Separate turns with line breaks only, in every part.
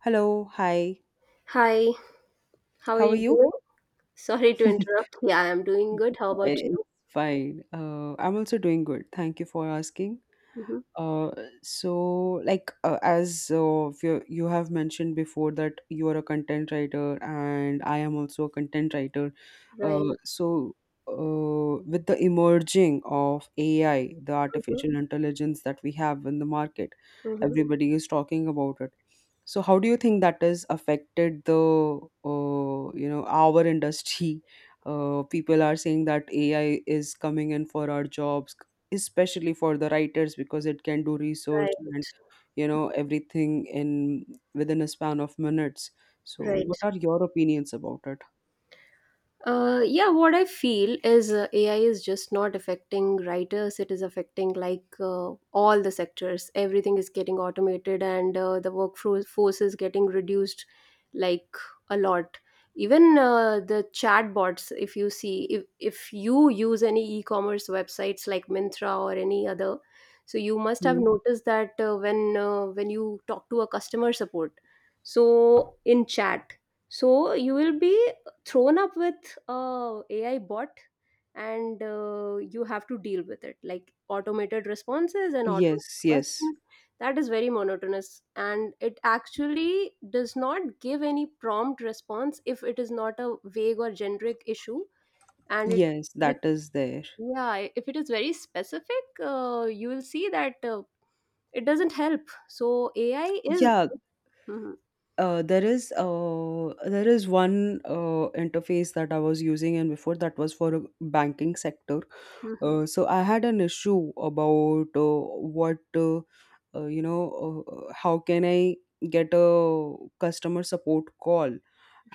Hello, hi.
Hi, how are
How are
you
you?
doing? Sorry to interrupt. Yeah, I'm doing good. How about
It's
you?
fine. I'm also doing good. Thank you for asking.
Hmm.
Uh, as you have mentioned before, that you are a content writer and I am also a content writer.
Right.
Uh, so with the emerging of AI, the
Hmm.
artificial intelligence that we have in the market,
Hmm.
everybody is talking about it. So how do you think that has affected the our industry? People are saying that AI is coming in for our jobs, especially for the writers, because it can do research
Right.
and everything in within a span of minutes. So
Right.
what are your opinions about it?
Yeah, what I feel is AI is just not affecting writers. It is affecting, like, all the sectors. Everything is getting automated, and the workforce force is getting reduced, like, a lot. Even the chatbots, if you see, if you use any e-commerce websites like Mintra or any other, so you must have
Hmm?
noticed that when you talk to a customer support, so in chat, so you will be thrown up with a AI bot, and you have to deal with it, like automated responses and automated
Yes, yes,
questions, that is very monotonous, and it actually does not give any prompt response if it is not a vague or generic issue, and it
yes,
is it
that is there.
yeah, if it is very specific, you will see that it doesn't help. So ai is.
Yeah.
Mhm.
There is one interface that I was using, and before that was for a banking sector.
Mhm.
So I had an issue about, what you know how can I get a customer support call,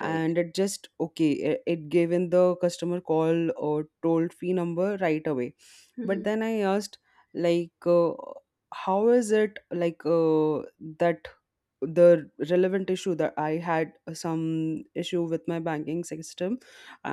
Right.
it just okay it gave in the customer call or toll free number right away. But
Mhm.
then I asked, like how is it that the relevant issue that I had, some issue with my banking system,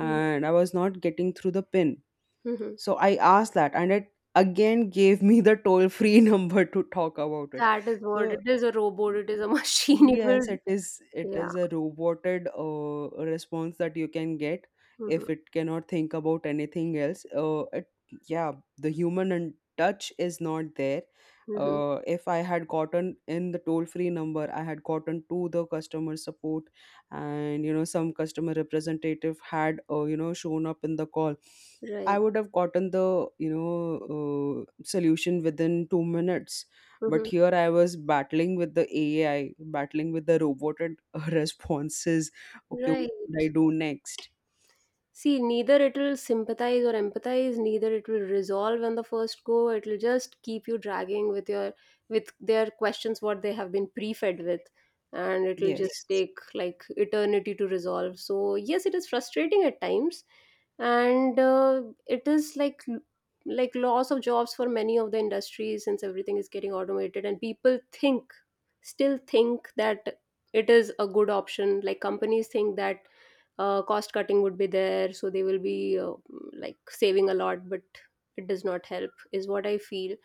Mhm.
I was not getting through the pin.
Mhm.
So I asked that, and it again gave me the toll free number to talk about it.
That is what
So
it is, a robot, it is a machine, it will.
yes, it is. It
Yeah.
is a roboted response that you can get if
Mhm.
it cannot think about anything else. Yeah, the human and touch is not there.
Mhm.
If I had gotten in the toll-free number, I had gotten to the customer support, and some customer representative had shown up in the call, I
Right.
would have gotten the solution within 2 minutes. But
Mhm.
here I was battling with the AI, battling with the roboted responses. Okay, what should
Right.
I do next?
See, neither it will sympathize or empathize, neither it will resolve on the first go. It will just keep you dragging with your, with their questions what they have been pre-fed with, and it will just,
Yes,
yes, take like eternity to resolve. So yes, it is frustrating at times, and it is like loss of jobs for many of the industries, since everything is getting automated and people think still think that it is a good option, like companies think that cost cutting would be there, so they will be, like, saving a lot, but it does not help, is what I feel.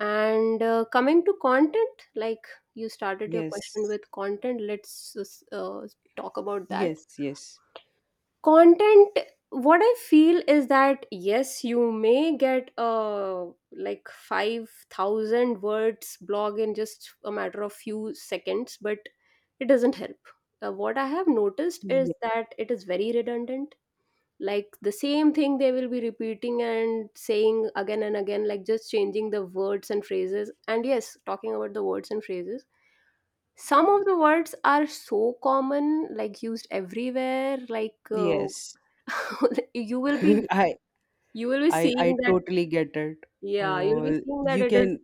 And coming to content, like, you started your
yes,
question with content, let's uh, talk about that
yes, yes.
content. What I feel is that yes, you may get a like 5,000 words blog in just a matter of few seconds, but it doesn't help. What I have noticed is
Ye-
that it is very redundant, like the same thing they will be repeating and saying again and again, like just changing the words and phrases. And yes, talking about the words and phrases, some of the words are so common, like used everywhere, like
yes.
you will be
i
you will be
i
seeing
i
that.
totally get it.
Yeah, you'll be seeing that
You
it is,
can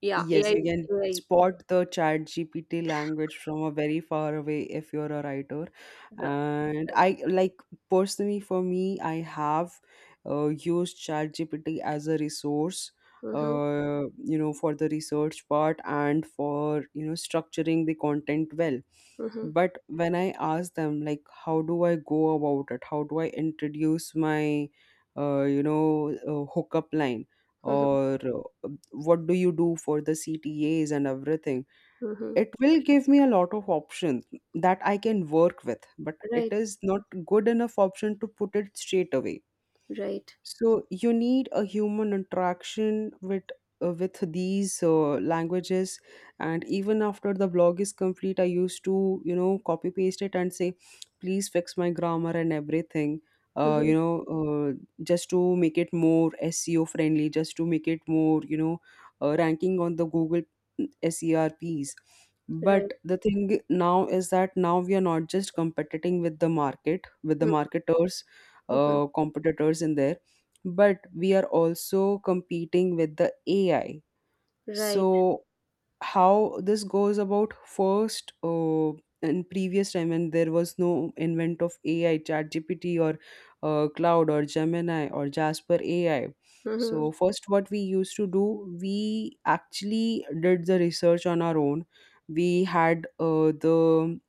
yeah,
Yes, you can
AI.
spot the ChatGPT language from a very far away if you're a writer.
Yeah.
And
Right.
I like personally for me, I have used ChatGPT as a resource,
Mm-hmm.
for the research part and for, structuring the content well.
Mm-hmm.
But when I ask them, like, how do I go about it? How do I introduce my, hookup line?
Mm-hmm.
Or what do you do for the CTAs and everything?
Mm-hmm.
It will give me a lot of options that I can work with, but it
Right.
is not good enough option to put it straight away.
Right.
So you need a human interaction with these languages. And even after the blog is complete, I used to copy paste it and say, please fix my grammar and everything. Uh,
Mm-hmm.
you know, uh, just to make it more SEO friendly, just to make it more ranking on the Google SERPs. But
Right.
the thing now is that now we are not just competing with the market, with the
Mm-hmm.
marketers,
Mm-hmm.
competitors in there, but we are also competing with the AI.
Right.
So how this goes about first, in previous time when there was no invent of AI, ChatGPT or Cloud or Gemini or Jasper AI.
Mm-hmm.
So first, what we used to do, we actually did the research on our own. We had the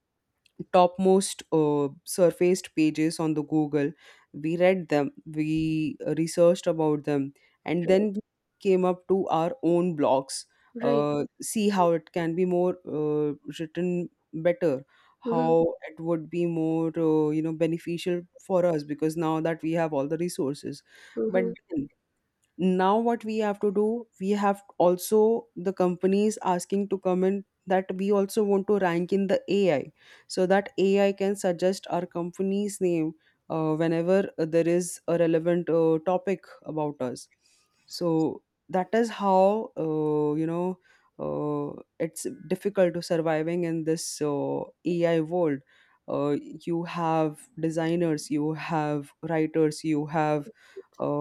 topmost surfaced pages on the Google. We read them, we researched about them, and
Right.
then we came up to our own blogs,
Right.
see how it can be more written better,
Mm-hmm.
how it would be more beneficial for us, because now that we have all the resources. But
Mm-hmm.
then now what we have to do, we have also the companies asking to come in that we also want to rank in the AI, so that AI can suggest our company's name whenever there is a relevant topic about us. So that is how, uh, it's difficult to surviving in this AI world. uh, you have designers, you have writers, you have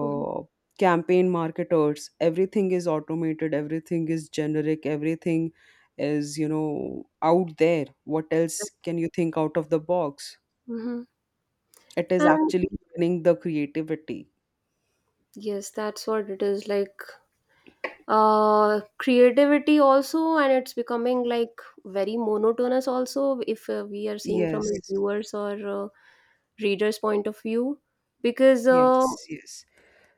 Mm-hmm.
campaign marketers. Everything is automated, everything is generic, everything is out there. What else can you think out of the box?
Mhm.
It is
And
actually winning the creativity.
yes, that's what it is like. Creativity also, and it's becoming, like, very monotonous also, if we are seeing from a
Yes,
viewers or readers' point of view. Because
yes, yes,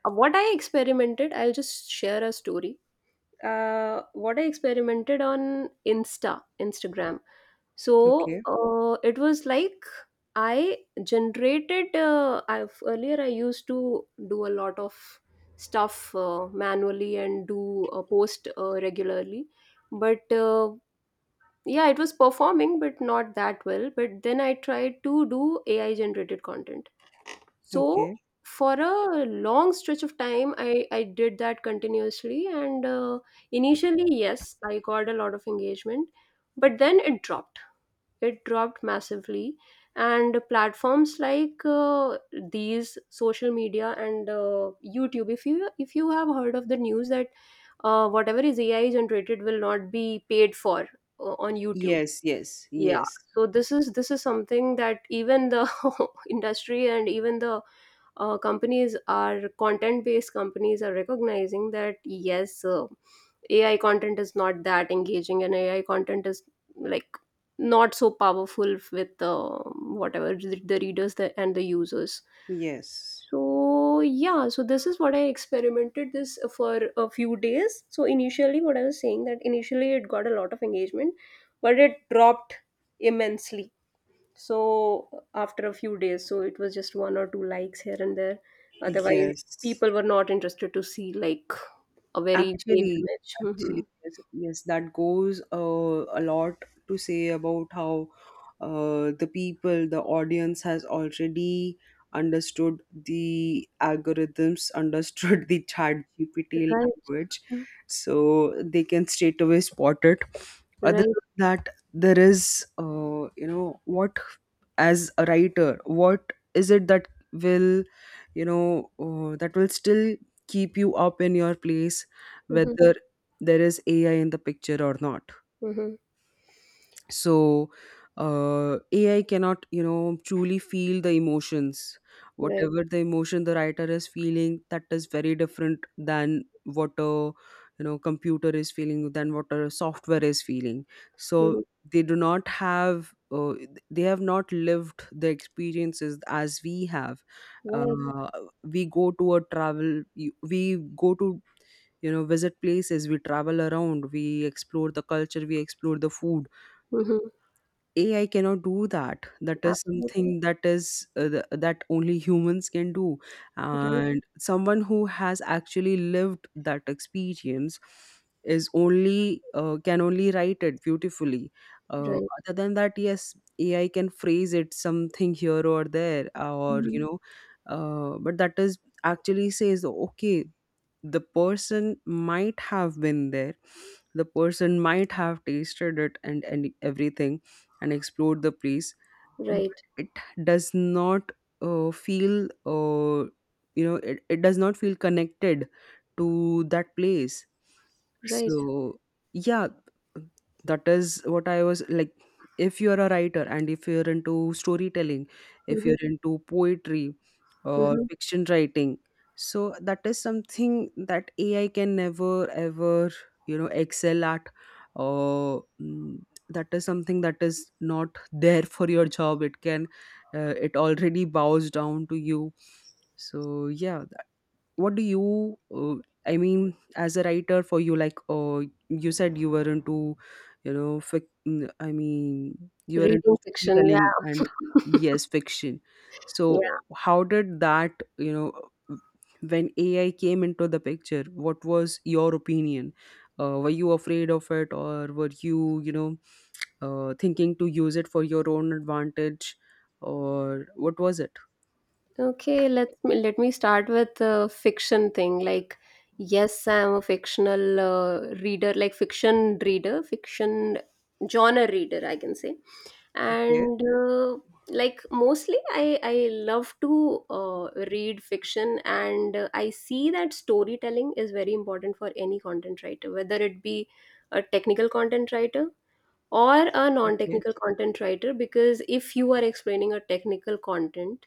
what I experimented, I'll just share a story. What I experimented on Instagram. So
okay,
it was like I generated. I've Earlier I used to do a lot of stuff manually and do a post regularly, but yeah, it was performing, but not that well. But then I tried to do AI generated content. So
okay,
for a long stretch of time, I did that continuously, and initially, yes, I got a lot of engagement, but then it dropped massively. And platforms like these social media and youtube, if you have heard of the news that whatever is ai generated will not be paid for on youtube.
yes, yes,
Yeah,
yes,
so this is something that even the industry and even the companies are content based companies are recognizing that yes, ai content is not that engaging and ai content is, like, not so powerful with whatever the readers, and the users.
yes,
So yeah, so this is what I experimented this for a few days. So initially, what I was saying that initially it got a lot of engagement, but it dropped immensely. So after a few days, so it was just one or two likes here and there. Otherwise,
yes.
people were not interested to see like a very vague
Actually,
image. Hmm.
actually, yes, yes, that goes a lot to say about how the people, the audience has already understood the algorithms, understood the chat GPT language, so they can straight away spot it. Other
Right.
than that, there is, what as a writer, what is it that will, that will still keep you up in your place,
Mhm.
whether there is AI in the picture or not.
Right. Hmm. Hmm.
so AI cannot truly feel the emotions.
Right.
Whatever the emotion the writer is feeling, that is very different than what a computer is feeling, than what a software is feeling. So
Hmm.
they do not have they have not lived the experiences as we have.
Right.
uh, we go to a travel, we go to visit places, we travel around, we explore the culture, we explore the food.
Hmm.
AI cannot do that. That is something
Absolutely.
that is that only humans can do,
Right.
and someone who has actually lived that experience is only can only write it beautifully.
Right.
Other than that, yes, AI can phrase it something here or there, or
Hmm.
but that is actually says okay, the person might have been there, the person might have tasted it, and everything, and explore the place, but
Right.
it does not feel it does not feel connected to that place.
Right.
So yeah, that is what I was like. If you're a writer and if you're into storytelling, if
Mhm.
you're into poetry or
Mhm.
fiction writing, so that is something that AI can never ever excel at. Or. Mm, that is something that is not there for your job. It can it already bows down to you. So yeah, that- what do you i mean as a writer for you, like you said you were into you were into
Reading fiction,
storytelling and,
yeah.
yes, fiction.
Yeah.
So how did that, you know when AI came into the picture, what was your opinion? Were you afraid of it, or were you, you know thinking to use it for your own advantage, or what was it?
Okay, let me start with the fiction thing. Like, yes, I'm a fictional reader, like fiction reader, fiction genre reader, I can say.
Okay.
And like mostly I love to read fiction, and I see that storytelling is very important for any content writer, whether it be a technical content writer or a
Okay.
non-technical content writer, because if you are explaining a technical content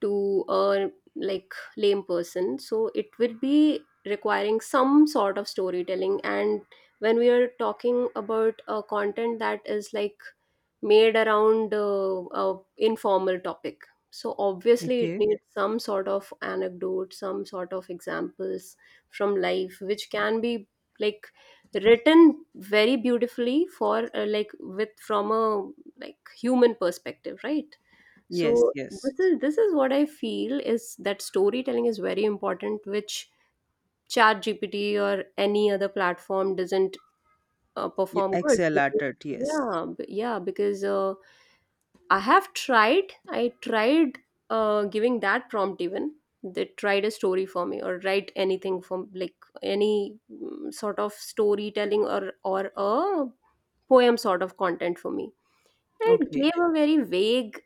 to a, like, lame person, so it will be requiring some sort of storytelling. And when we are talking about a content that is, like, made around a informal topic, so obviously it
Okay.
needs some sort of anecdote, some sort of examples from life which can be, like, written very beautifully for like, with from a, like, human perspective, right?
Yes,
So
yes,
this is what I feel, is that storytelling is very important, which chat gpt or any other platform doesn't
you
perform good.
excel at it, yes.
Yeah, yeah, because I have tried. I tried giving that prompt even. They tried a story for me, or write anything from, like, any sort of storytelling, or a poem sort of content for me. And it
Okay.
gave a very vague,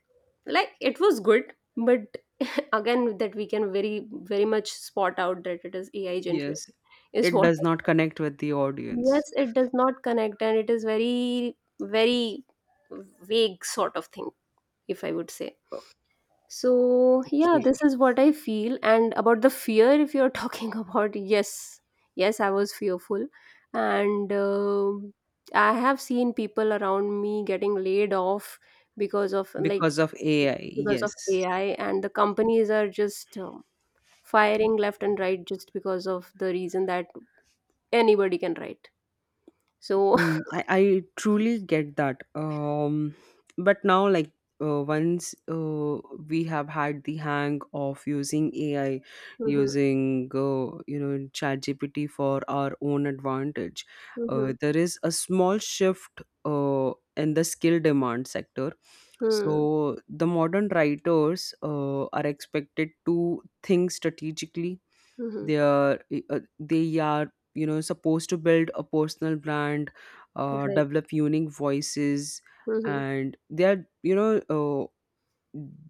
like it was good, but again that we can very very much spot out that it is AI generated
Yes,
is
it
what.
does not connect with the audience.
Yes, it does not connect, and it is very very vague sort of thing, if I would say. So, yeah,
Okay.
this is what I feel. And about the fear, if you're talking about, yes, yes, I was fearful. And I have seen people around me getting laid off because of,
Because of AI, yes.
AI, and the companies are just firing left and right just because of the reason that anybody can write. So.
Mm, I truly get that. But now, like, once we have had the hang of using AI,
Mhm.
using, ChatGPT for our own advantage,
Mhm.
there is a small shift in the skill demand sector.
Mhm.
So, the modern writers are expected to think strategically.
Mhm.
They are supposed to build a personal brand,
Right.
develop unique voices,
Mhm.
and they are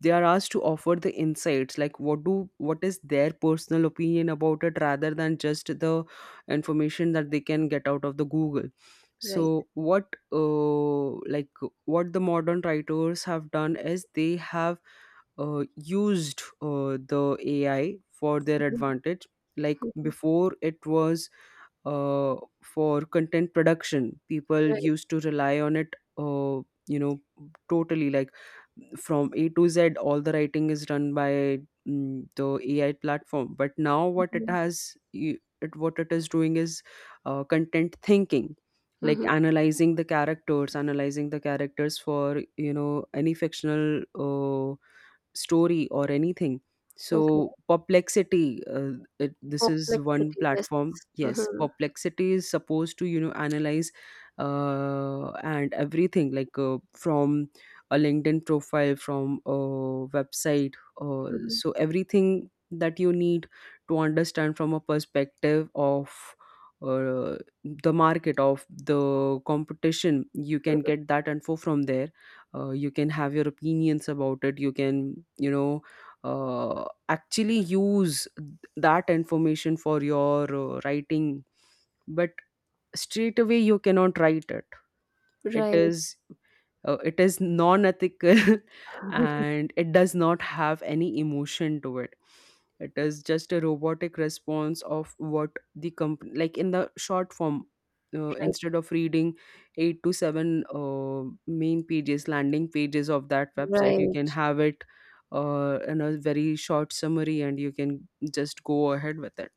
they are asked to offer the insights, like what is their personal opinion about it, rather than just the information that they can get out of the Google.
Right.
So what what the modern writers have done is they have used the AI for their
Mhm.
advantage. Like
Mhm.
before, it was uh, for content production. People
Right.
used to rely on it, uh, you know, totally. Like from A to Z, all the writing is done by the AI platform. But now, what it
Mhm.
has, y- it what it is doing is content thinking, like
Mhm.
analyzing the characters for any fictional story or anything.
Okay.
So perplexity, this is one
Complexity, yes.
platform. Yes,
Mm-hmm.
perplexity is supposed to analyze and everything, like from a LinkedIn profile, from a website. Uh,
Mm-hmm.
so everything that you need to understand from a perspective of uh, the market of the competition, you can get that info from there. You can have your opinions about it. You can, you know, actually use that information for your writing, but straight away you cannot write it. It
Right.
is it is non-ethical and it does not have any emotion to it. It is just a robotic response of what the company, like, in the short form.
Right.
Instead of reading 8 to 7 main pages, landing pages of that website, you
Right.
can have it in a very short summary and you can just go ahead with it.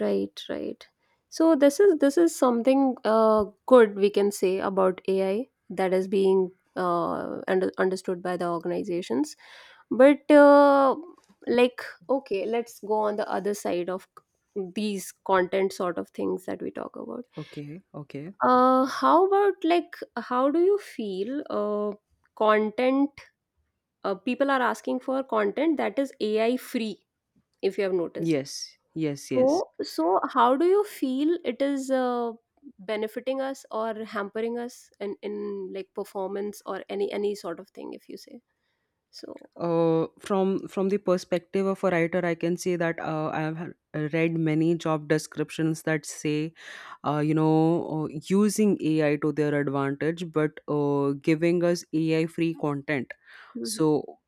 Right. Right. So this is something, good, we can say about AI, that is being understood by the organizations. But like, okay, let's go on the other side of these content sort of things that we talk about.
Okay, okay.
How about, like, how do you feel content, people are asking for content that is ai free, if you have noticed.
Yes, yes, yes.
So how do you feel it is benefiting us or hampering us in, like, performance or any sort of thing, if you say so.
From the perspective of a writer, I can say that I have read many job descriptions that say, you know, using AI to their advantage, but giving us AI free content.
Mhm.
So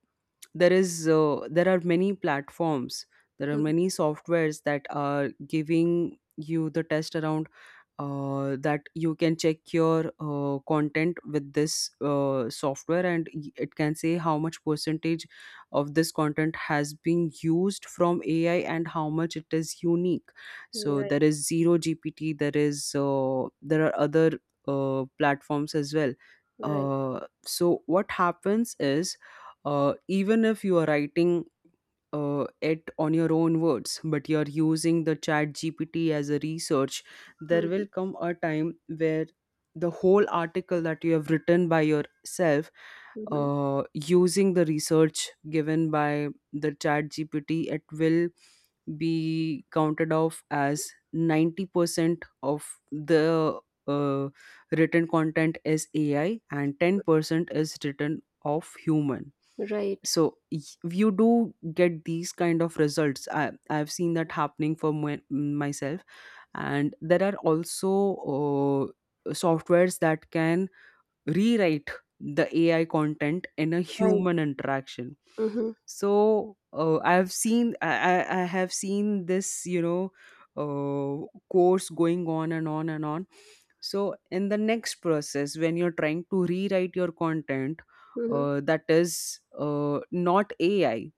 there is there are many platforms, there are
Mhm.
many softwares that are giving you the test around that you can check your content with this software, and it can say how much percentage of this content has been used from ai and how much it is unique. So there
Right.
is zero gpt, there is there are other platforms as well.
Right.
So what happens is, even if you are writing it on your own words, but you're using the chat gpt as a research, there will
Mhm.
come a time where the whole article that you have written by yourself
Mhm.
using the research given by the chat gpt, it will be counted off as 90% of the uh, written content is ai and 10% is written of human.
Right.
So you do get these kind of results. I've seen that happening for myself. And there are also softwares that can rewrite the AI content in a
Right.
human interaction.
Mhm.
So I have seen, I have seen this, you know, course going on and on and on. So in the next process, when you're trying to rewrite your content,
Mhm.
that is not AI,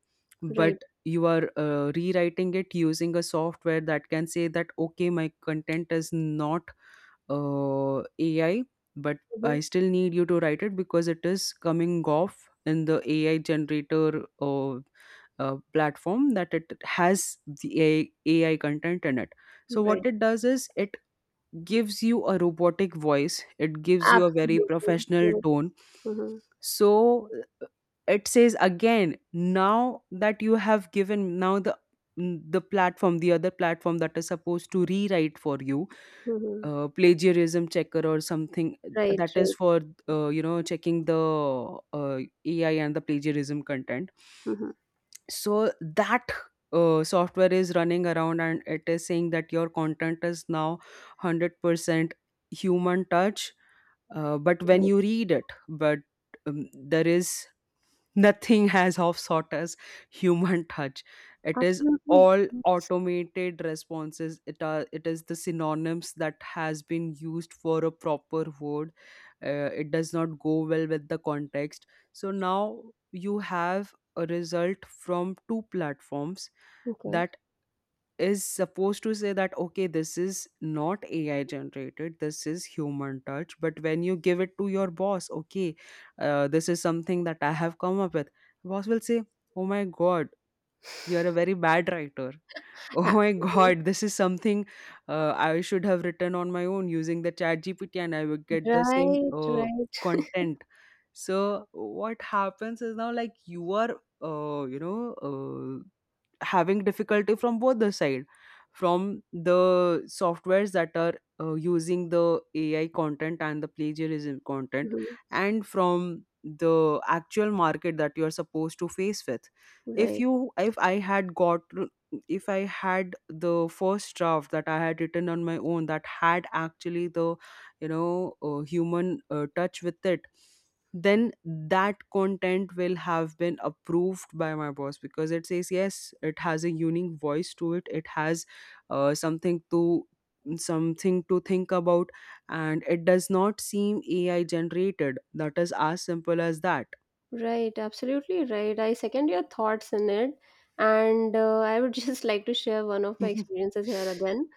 Right.
but you are rewriting it using a software that can say that okay, my content is not AI, but I
Mhm.
still need you to write it because it is coming off in the AI generator platform that it has the AI content in it. So, what
Right.
it does is, it gives you a robotic voice, it gives you a very
Absolutely.
professional
Yes.
tone.
Mhm.
So, it says again now that you have given now the the platform, the other platform that is supposed to rewrite for you,
Mhm.
plagiarism checker or something,
Right.
that is
Right.
for you know, checking the uh, ai and the plagiarism content.
Mhm.
So that software is running around and it is saying that your content is now 100% human touch, but when
Right.
you read it, but there is nothing has of sought us human touch. It is
Absolutely.
all
Yes.
automated responses. It are, it is the synonyms that has been used for a proper word. It does not go well with the context. So now you have a result from two platforms
Okay.
that is supposed to say that okay, this is not ai generated, this is human touch. But when you give it to your boss, okay, this is something that I have come up with, boss will say, oh my god, you're a very bad writer. Oh my
Actually.
god, this is something I should have written on my own using the chat GPT and I would get the same
Right. Right.
content. So what happens is now, like, you are you know, having difficulty from both the side, from the softwares that are using the AI content and the plagiarism content,
Mhm.
and from the actual market that you are supposed to face with.
Right.
If I had got, if I had the first draft that I had written on my own that had actually the, you know, human touch with it, then that content will have been approved by my boss because it says yes, it has a unique voice to it. It has uh, something to something to think about, and it does not seem AI generated. That is as simple as that.
Right. Absolutely right. I second your thoughts in it, and I would just like to share one of my experiences here again.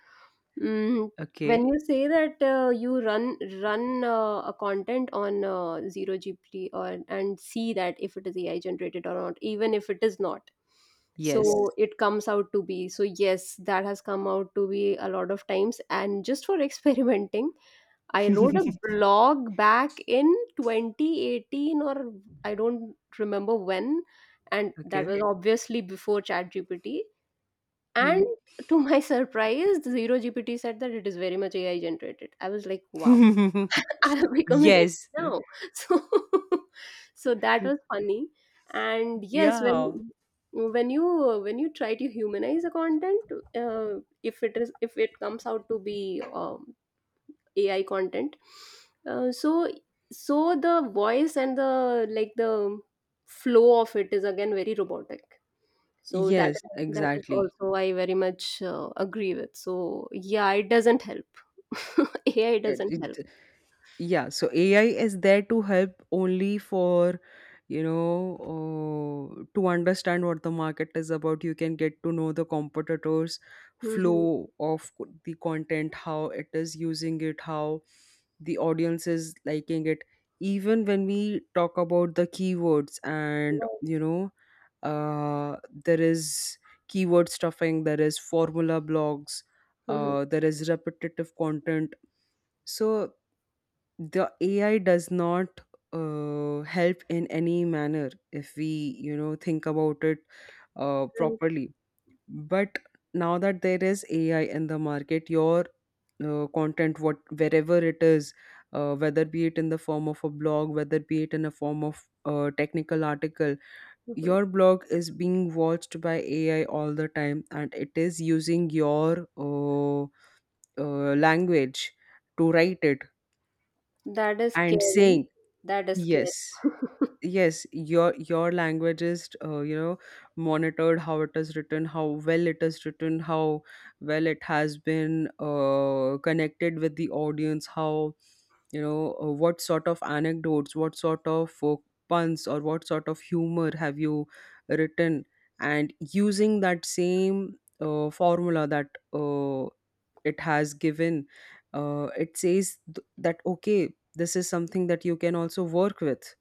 Mm,
Okay.
when you say that you run a content on Zero GPT or and see that if it is AI generated or not, even if it is not,
Yes.
so, yes, it comes out to be. So yes, that has come out to be a lot of times, and just for experimenting, I wrote a blog back in 2018, or I don't remember when, and that
Okay.
was obviously before ChatGPT,
Hmm.
and to my surprise Zero GPT said that it is very much AI generated. I was like, wow. I have become an
Yes.
AI now. So so that was funny. And yes,
Yeah.
when you try to humanize a content, uh, if it comes out to be, ai content, uh, so so the voice and the flow of it is again very robotic, so that
Yes,
that is
exactly.
also I very much agree with. So yeah, it doesn't help. Ai
It,
doesn't help.
it, Yeah, so AI is there to help only for, you know, to understand what the market is about. You can get to know the competitors'
Mhm.
flow of the content, how it is using it, how the audience is liking it. Even when we talk about the keywords and,
Right.
you know, uh, there is keyword stuffing, there is formula blogs,
Mhm.
there is repetitive content. So the AI does not help in any manner if we, you know, think about it
Right.
properly. But now that there is AI in the market, your content, what wherever it is, whether be it in the form of a blog, whether be it in a form of a technical article,
Mhm.
your blog is being watched by AI all the time, and it is using your language to write it
That is
and
scary.
saying,
That is scary.
yes, yes, your language is, you know, monitored, how it is written, how well it is written, how well it has been connected with the audience, how, you know, what sort of anecdotes, what sort of puns, or what sort of humor have you written, and using that same formula that uh, it has given, it says that okay, this is something that you can also work with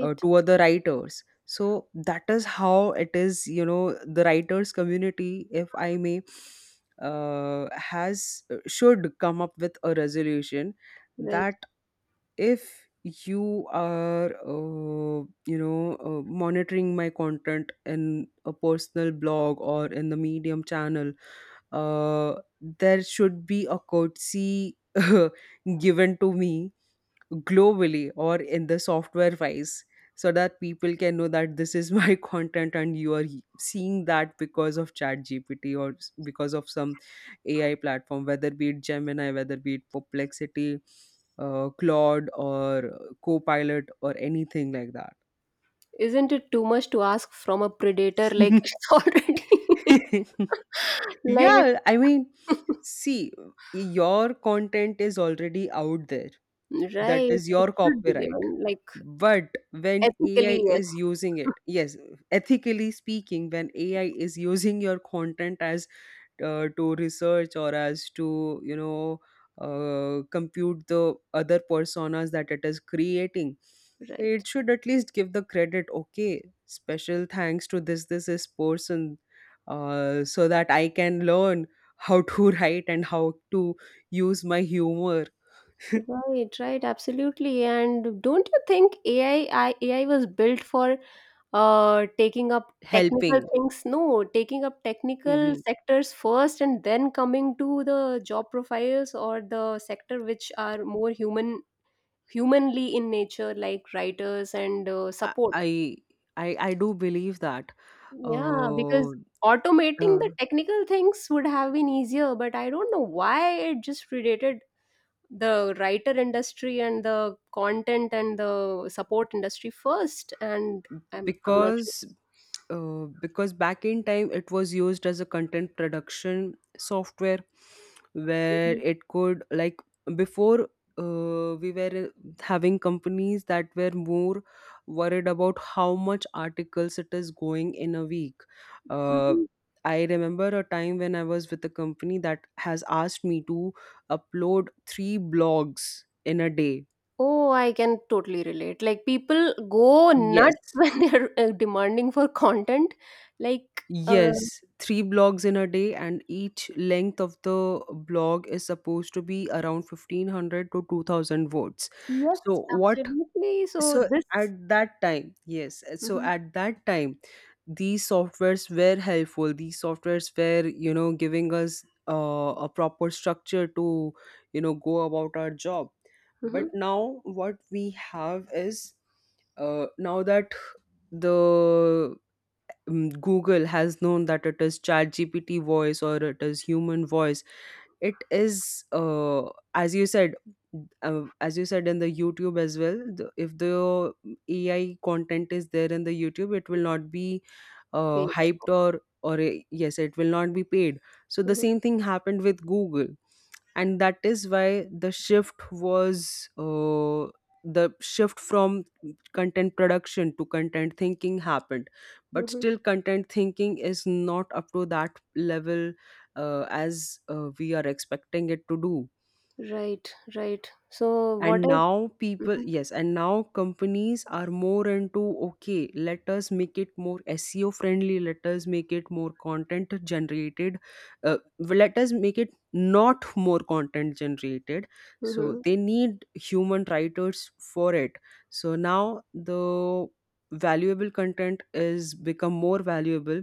to other writers. So that is how it is. You know, the writers community, if I may, has should come up with a resolution that
Right.
if you are you know, monitoring my content in a personal blog or in the medium channel, uh, there should be a courtesy given to me globally or in the software wise, so that people can know that this is my content and you are seeing that because of chat gpt, because of some ai platform, whether be it gemini, whether be it perplexity, claude, or copilot, or anything like that.
Isn't it too much to ask from a predator? Like, it's already like,
Yeah, I mean,
it-
see, your content is already out there. That
right,
is
it
your
should be
copyright.
given, like,
But when AI
ethically, yes.
is using it, yes, ethically speaking, when AI is using your content as to research, or as to, you know, compute the other personas that it is creating,
Right.
it should at least give the credit, okay, special thanks to this, this, this person, so that I can learn how to write and how to use my humor
Right, right, absolutely. And don't you think AI, AI was built for taking up technical
helping.
things? No, taking up technical
Mm-hmm.
sectors first and then coming to the job profiles or the sector which are more humanly in nature, like writers and
I
support.
I I do believe that
Yeah,
uh,
because automating
uh,
the technical things would have been easier, but I don't know why it just predated the writer industry and the content and the support industry first. And I'm not sure.
because because back in time it was used as a content production software where
Mhm.
it could, like, before we were having companies that were more worried about how much articles it is going in a week. uh,
Mhm.
I remember a time when I was with a company that has asked me to upload 3 blogs in a day.
Oh, I can totally relate. Like people go
Yes.
nuts when they're demanding for content. Like, uh,
Yes, 3 blogs in a day, and each length of the blog is supposed to be around 1500 to 2000 words.
yes,
So, what,
absolutely. So
so
this.
at that time, yes, so
Mhm.
at that time, these softwares were helpful, these softwares were, you know, giving us a proper structure to, you know, go about our job. But
Mhm.
now, what we have is now that the Google has known that it is ChatGPT voice or it is human voice. It is, as you said, in the YouTube as well. The, if the AI content is there in the YouTube, it will not be
Wait.
hyped or yes, it will not be paid. So the
Mhm.
same thing happened with Google, and that is why the shift from content production to content thinking happened, but
Mhm.
still content thinking is not up to that level as we are expecting it to do.
Right, right. So what
And
I.
now people,
Mhm.
yes, and now companies are more into, okay, let us make it more seo friendly, let us make it more content generated, uh, let us make it not more content generated, so
Mhm.
they need human writers for it. So now the valuable content is become more valuable,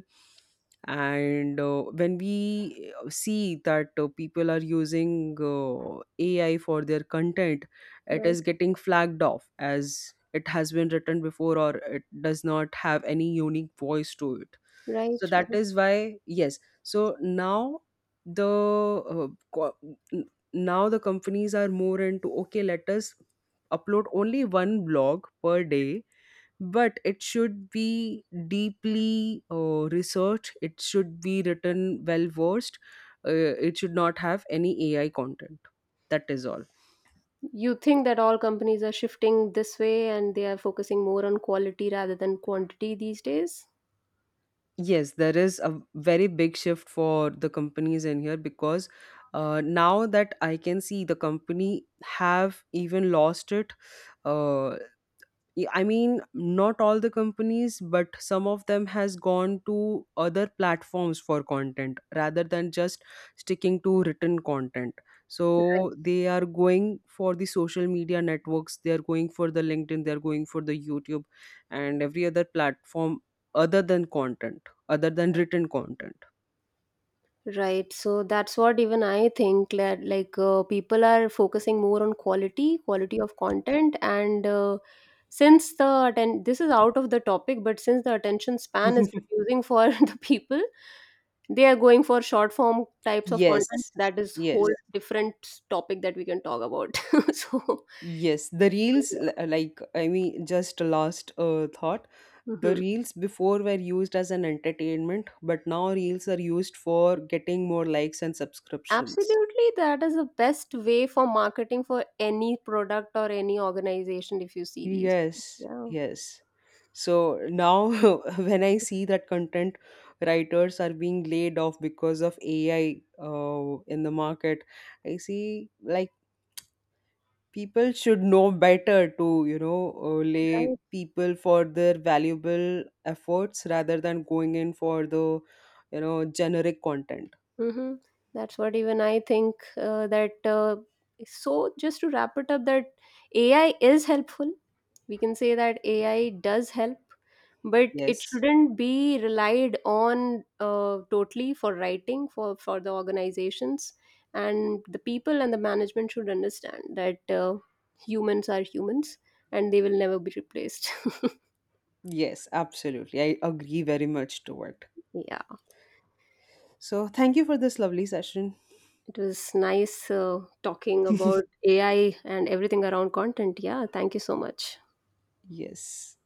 and when we see that people are using ai for their content, it is
Right,
getting flagged off as it has been written before or it does not have any unique voice to it.
right,
So that
right.
is why, yes, so now the co- n- now the companies are more into, okay, let us upload only 1 blog per day, but it should be deeply researched, it should be written well versed, uh, it should not have any ai content. That is all.
You think that all companies are shifting this way and they are focusing more on quality rather than quantity these days?
Yes, there is a very big shift for the companies in here, because now that I can see the company have even lost it. Uh, yeah, I mean, not all the companies, but some of them has gone to other platforms for content rather than just sticking to written content. So they are going for the social media networks, they are going for the LinkedIn, they are going for the YouTube and every other platform other than content, other than written content.
Right, so that's what even I think, that, like, people are focusing more on quality, quality of content, and since the this is out of the topic, but since the attention span is reducing for the people, they are going for short form types of content.
Yes.
That is
Yes.
whole different topic that we can talk about. So.
Yes, the reels, like, I mean, just a last thought. The
Hmm.
reels before were used as an entertainment, but now reels are used for getting more likes and subscriptions.
Absolutely, that is the best way for marketing for any product or any organization. If you see these days.
Yes,
Yeah.
yes. So now, when I see that content writers are being laid off because of AI in the market, I see, like, people should know better to, you know,
Right.
lay people for their valuable efforts rather than going in for the, you know, generic content.
Hmm. That's what even I think, that. So, just to wrap it up, that AI is helpful. We can say that AI does help, but it
Yes.
shouldn't be relied on totally for writing, for the organizations and the people, and the management should understand that humans are humans, and they will never be replaced.
Yes, absolutely, I agree very much to it.
Yeah.
So thank you for this lovely session.
It was nice talking about AI and everything around content. Yeah, thank you so much.
Yes.